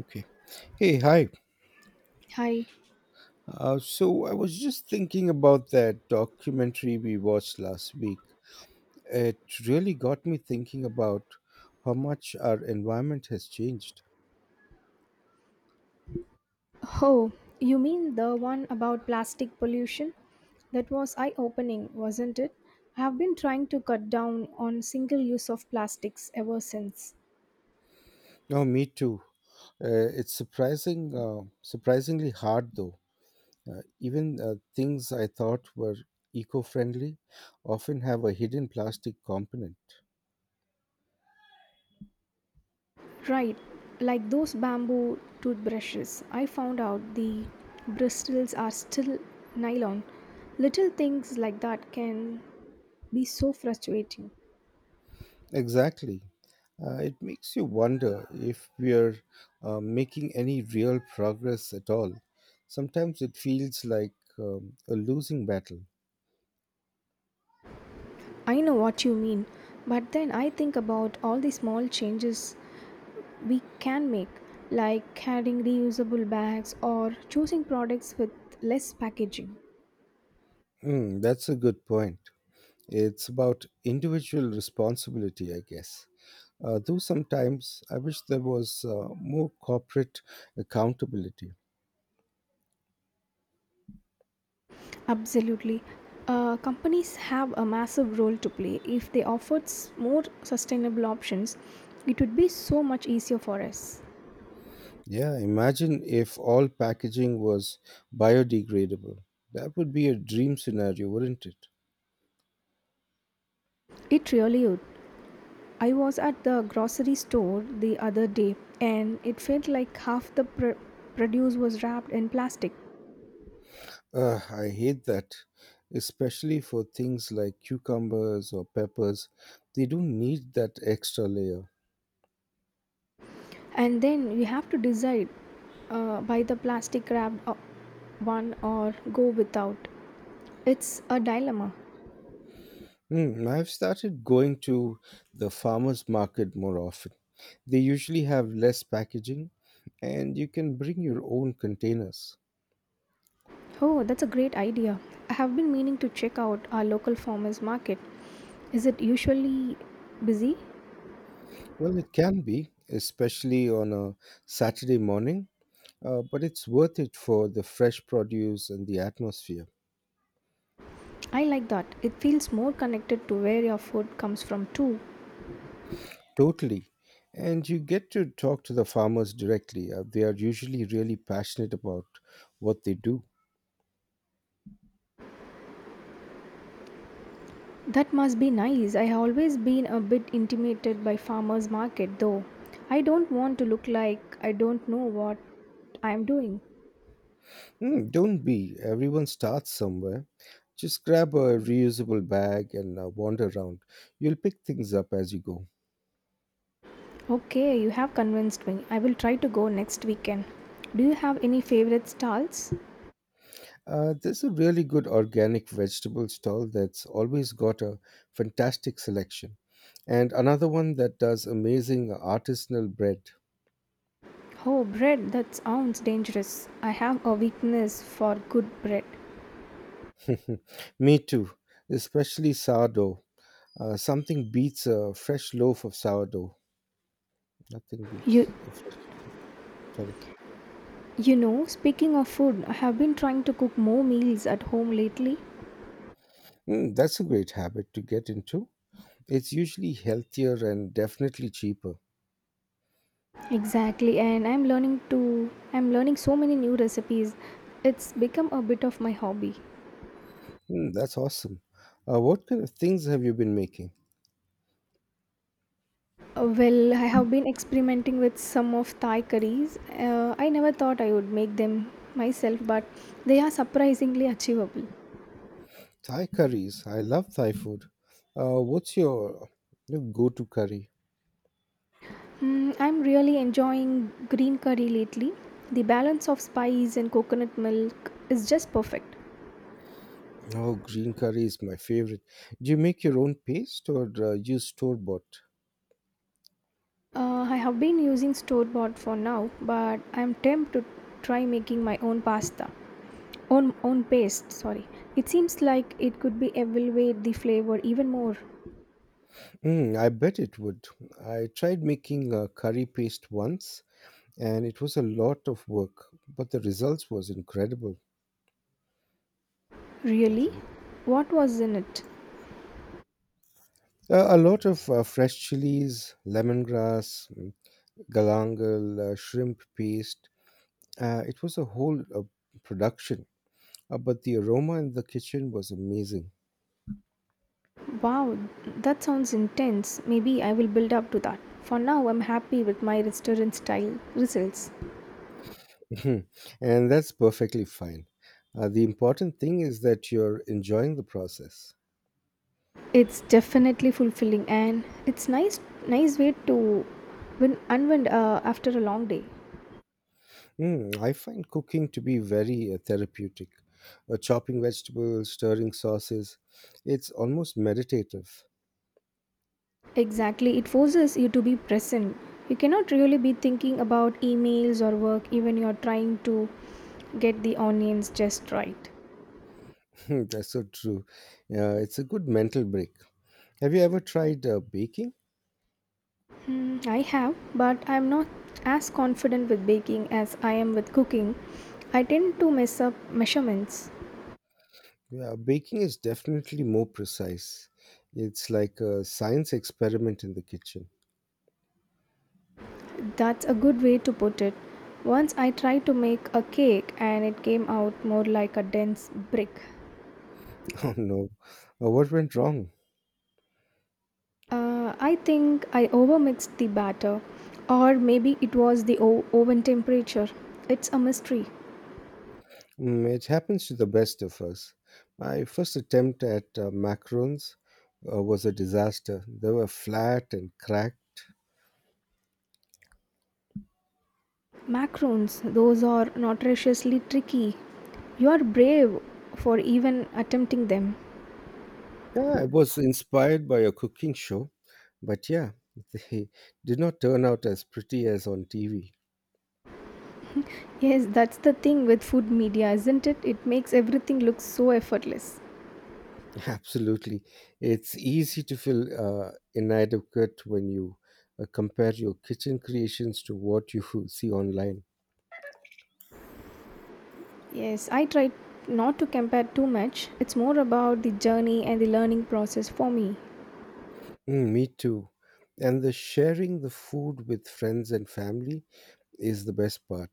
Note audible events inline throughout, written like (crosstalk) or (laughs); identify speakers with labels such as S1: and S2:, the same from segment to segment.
S1: Okay. Hey, hi.
S2: Hi.
S1: So I was just thinking about that documentary we watched last week. It really got me thinking about how much our environment has changed.
S2: Oh, you mean the one about plastic pollution? That was eye opening, wasn't it? I have been trying to cut down on single use of plastics ever since.
S1: Oh, me too. It's surprisingly hard though. Even things I thought were eco-friendly often have a hidden plastic component.
S2: Right, like those bamboo toothbrushes. I found out the bristles are still nylon. Little things like that can be so frustrating.
S1: Exactly. It makes you wonder if we're making any real progress at all. Sometimes it feels like a losing battle.
S2: I know what you mean, but then I think about all the small changes we can make, like adding reusable bags or choosing products with less packaging.
S1: Mm, that's a good point. It's about individual responsibility, I guess. Though sometimes I wish there was more corporate accountability.
S2: Absolutely. Companies have a massive role to play. If they offered more sustainable options, it would be so much easier for us.
S1: Yeah, imagine if all packaging was biodegradable. That would be a dream scenario, wouldn't it?
S2: It really would. I was at the grocery store the other day and it felt like half the produce was wrapped in plastic.
S1: Ugh, I hate that, especially for things like cucumbers or peppers. They don't need that extra layer.
S2: And then we have to decide, buy the plastic wrapped, one, or go without. It's a dilemma.
S1: I've started going to the farmers market more often. They usually have less packaging and you can bring your own containers.
S2: Oh, that's a great idea. I have been meaning to check out our local farmers market. Is it usually busy?
S1: Well, it can be, especially on a Saturday morning, but it's worth it for the fresh produce and the atmosphere.
S2: I like that it feels more connected to where your food comes from too.
S1: Totally. And you get to talk to the farmers directly. They are usually really passionate about what they do.
S2: That must be nice. I have always been a bit intimidated by farmers market though. I don't want to look like I don't know what I am doing.
S1: Don't be. Everyone starts somewhere. Just grab a reusable bag and wander around. You'll pick things up as you go.
S2: Okay, you have convinced me. I will try to go next weekend. Do you have any favorite stalls?
S1: There's a really good organic vegetable stall that's always got a fantastic selection. And another one that does amazing artisanal bread.
S2: Oh, bread, that sounds dangerous. I have a weakness for good bread.
S1: (laughs) Me too, especially sourdough. Something beats a fresh loaf of sourdough. Nothing
S2: You
S1: beats a fresh loaf. Sorry.
S2: you know, speaking of food, I have been trying to cook more meals at home lately.
S1: Mm, that's a great habit to get into. It's usually healthier and definitely cheaper.
S2: Exactly, and I'm learning so many new recipes. It's become a bit of my hobby.
S1: Mm, that's awesome. What kind of things have you been making?
S2: Well, I have been experimenting with some of Thai curries. I never thought I would make them myself, but they are surprisingly achievable.
S1: Thai curries. I love Thai food. What's your go-to curry?
S2: Mm, I'm really enjoying green curry lately. The balance of spice and coconut milk is just perfect.
S1: Oh, green curry is my favorite. Do you make your own paste or use store-bought?
S2: I have been using store bought for now, but I'm tempted to try making my own pasta. Own, own paste, sorry. It seems like it could be elevate the flavor even more.
S1: Mm, I bet it would. I tried making a curry paste once and it was a lot of work, but the results was incredible.
S2: Really?
S1: Warren.
S2: What was in it?
S1: A lot of fresh chilies, lemongrass, galangal, shrimp paste. It was a whole production, but the aroma in the kitchen was amazing.
S2: Wow, that sounds intense. Maybe I will build up to that. For now, I'm happy with my restaurant style results.
S1: (laughs) Mhm. And that's perfectly fine. The important thing is that you're enjoying the process.
S2: It's definitely fulfilling and it's nice way to win unwind after a long day.
S1: Mm, I find cooking to be very therapeutic. Chopping vegetables, stirring sauces, it's almost meditative.
S2: Exactly, it forces you to be present. You cannot really be thinking about emails or work even you're trying to get the onions just right.
S1: (laughs) Hmm, that's so true. It's a good mental break. Have you ever tried baking?
S2: Mm, I have, but I'm not as confident with baking as I am with cooking. I tend to mess up measurements.
S1: Yeah, baking is definitely more precise. It's like a science experiment in the kitchen. (laughs)
S2: That's a good way to put it. Once I tried to make a cake and it came out more like a dense brick.
S1: Oh no, what went wrong?
S2: I think I overmixed the batter, or maybe it was the oven temperature. It's a mystery.
S1: Mm, it happens to the best of us. My first attempt at macarons was a disaster. They were flat and cracked.
S2: Macarons, those are notoriously tricky. You are brave for even attempting them.
S1: Yeah, I was inspired by a cooking show, but yeah, (laughs) they did not turn out as pretty as on TV.
S2: Yes, that's the thing with food media, isn't it? It makes everything look so effortless.
S1: (laughs) Absolutely. It's easy to feel inadequate when you compare your kitchen creations to what you (laughs) see online.
S2: Yes, I try not to compare too much. It's more about the journey and the learning process for me.
S1: Mm, me too. And the sharing the food with friends and family is the best part.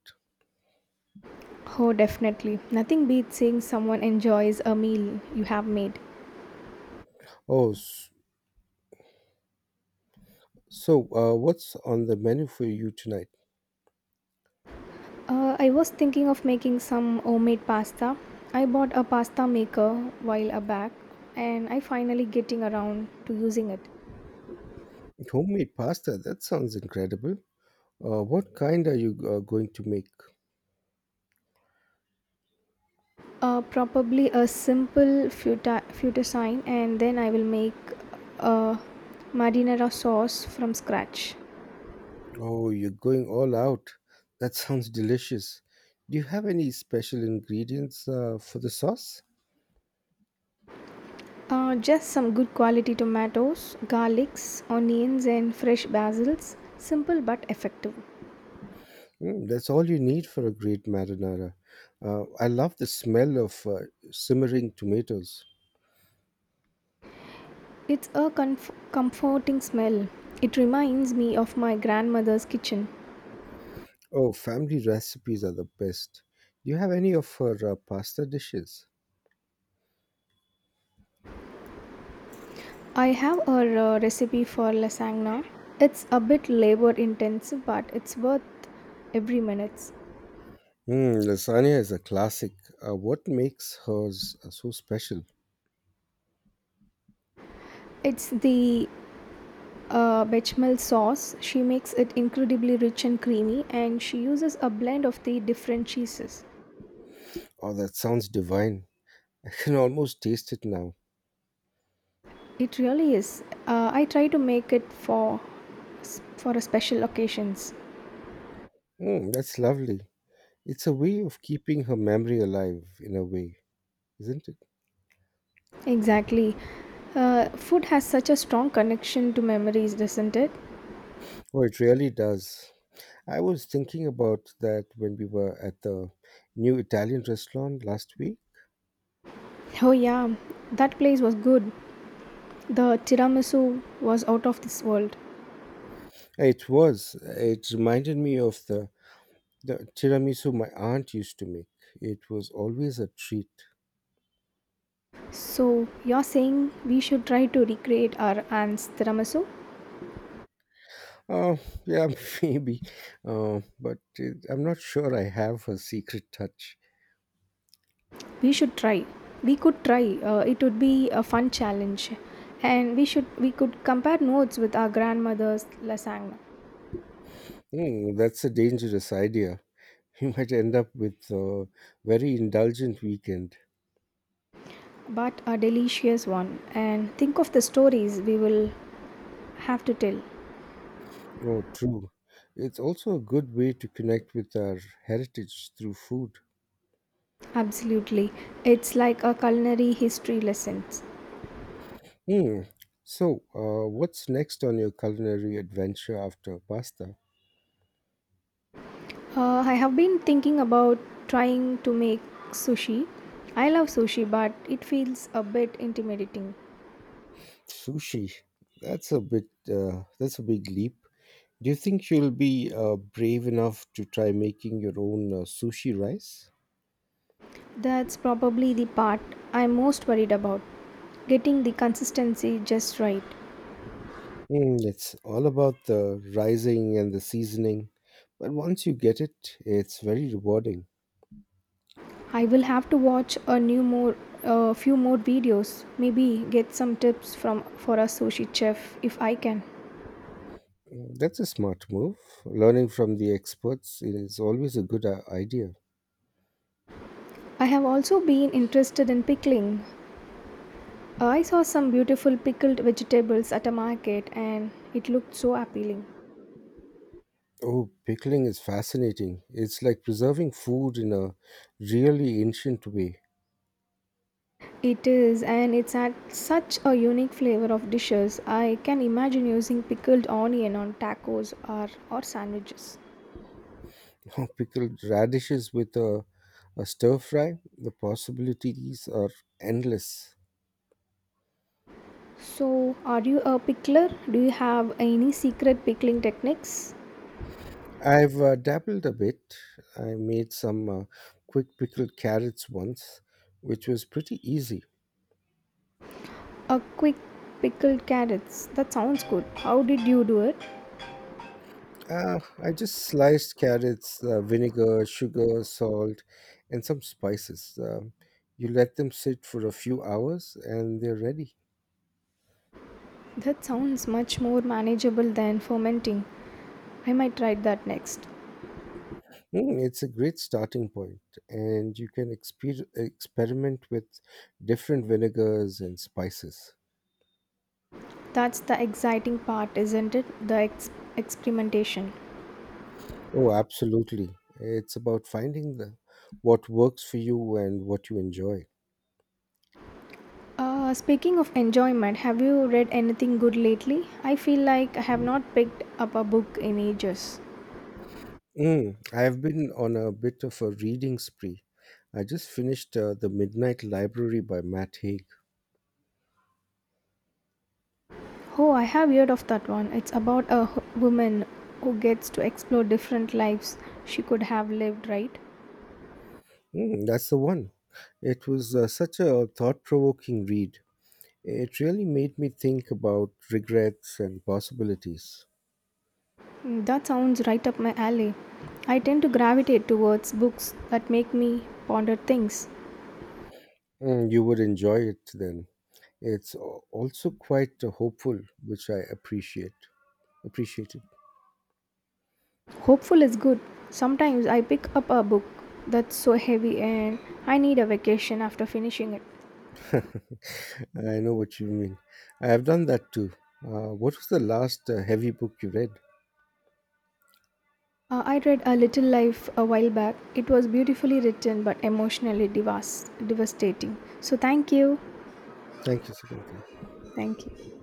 S2: Oh, definitely. Nothing beats seeing someone enjoys a meal you have made.
S1: Oh, so what's on the menu for you tonight?
S2: I was thinking of making some homemade pasta. I bought a pasta maker while a back and I finally getting around to using it.
S1: Homemade pasta. That sounds incredible. What kind are you going to make?
S2: Uh, probably a simple futasine, and then I will make a marinara sauce from scratch.
S1: Oh, you're going all out. That sounds delicious. Do you have any special ingredients for the sauce?
S2: Just some good quality tomatoes, garlics, onions, and fresh basils. Simple but effective.
S1: Mm, that's all you need for a great marinara. I love the smell of simmering tomatoes.
S2: It's a comforting smell. It reminds me of my grandmother's kitchen.
S1: Oh, family recipes are the best. Do you have any of her pasta dishes?
S2: I have a recipe for lasagna. It's a bit labor intensive, but it's worth every minute.
S1: Mm, lasagna is a classic. What makes hers so special?
S2: It's the bechamel sauce. She makes it incredibly rich and creamy, and she uses a blend of the different cheeses.
S1: Oh, that sounds divine. (laughs) I can almost taste it now.
S2: It really is. I try to make it for a special occasions.
S1: Mm, that's lovely. It's a way of keeping her memory alive in a way, isn't it?
S2: Exactly. Food has such a strong connection to memories, doesn't it?
S1: Oh, it really does. I was thinking about that when we were at the new Italian restaurant last week.
S2: Oh yeah, that place was good. The tiramisu was out of this world.
S1: It was. It reminded me of the tiramisu my aunt used to make. It was always a treat.
S2: So you're saying we should try to recreate our aunt's tiramisu?
S1: Oh, yeah, (laughs) maybe. But I'm not sure I have her secret touch.
S2: we should try we could try, it would be a fun challenge, and we could compare notes with our grandmother's lasagna.
S1: That's a dangerous idea. (laughs) You might end up with a very indulgent weekend.
S2: But a delicious one, and think of the stories we will have to tell.
S1: Oh, true. It's also a good way to connect with our heritage through food.
S2: Absolutely. It's like a culinary history lessons.
S1: Hmm. So, what's next on your culinary adventure after pasta?
S2: I have been thinking about trying to make sushi. I love sushi, but it feels a bit intimidating.
S1: Sushi. That's a bit. That's a big leap. Do you think you'll be brave enough to try making your own sushi rice?
S2: That's probably the part I'm most worried about, getting the consistency just right.
S1: Mm, it's all about the rising and the seasoning, but once you get it, it's very rewarding.
S2: I will have to watch a few more videos, maybe get some tips from for a sushi chef if I can.
S1: That's a smart move. Learning from the experts is always a good idea.
S2: I have also been interested in pickling. I saw some beautiful pickled vegetables at a market and it looked so appealing.
S1: Oh, pickling is fascinating. It's like preserving food in a really ancient way.
S2: It is, and it's had such a unique flavor of dishes. I can imagine using pickled onion on tacos, or sandwiches.
S1: (laughs) Pickled radishes with a stir fry, the possibilities are endless.
S2: So, are you a pickler? Do you have any secret pickling techniques?
S1: I've dabbled a bit. I made some quick pickled carrots once, which was pretty easy.
S2: A quick pickled carrots. That sounds good. How did you do it?
S1: I just sliced carrots, vinegar, sugar, salt, and some spices. You let them sit for a few hours and they're ready.
S2: That sounds much more manageable than fermenting. I might try that next.
S1: Mm, it's a great starting point, and you can experiment with different vinegars and spices.
S2: That's the exciting part, isn't it? Experimentation.
S1: Oh, absolutely. It's about finding what works for you and what you enjoy.
S2: Speaking of enjoyment, have you read anything good lately? I feel like I have not picked up a book in ages.
S1: Mm, I've been on a bit of a reading spree. I just finished The Midnight Library by Matt Haig.
S2: Oh, I have heard of that one. It's about a woman who gets to explore different lives she could have lived, right?
S1: Mm, that's the one. It was such a thought provoking read. It really made me think about regrets and possibilities.
S2: Mm, that sounds right up my alley. I tend to gravitate towards books that make me ponder things.
S1: Mm, you would enjoy it then. It's also quite hopeful, which I appreciated.
S2: Hopeful is good. Sometimes I pick up a book that's so heavy and I need a vacation after finishing it.
S1: (laughs) I know what you mean. I have done that too. What was the last heavy book you read?
S2: I read A Little Life a while back. It was beautifully written but emotionally devastating. So, thank you.
S1: Thank you, Sukanti.
S2: Thank you.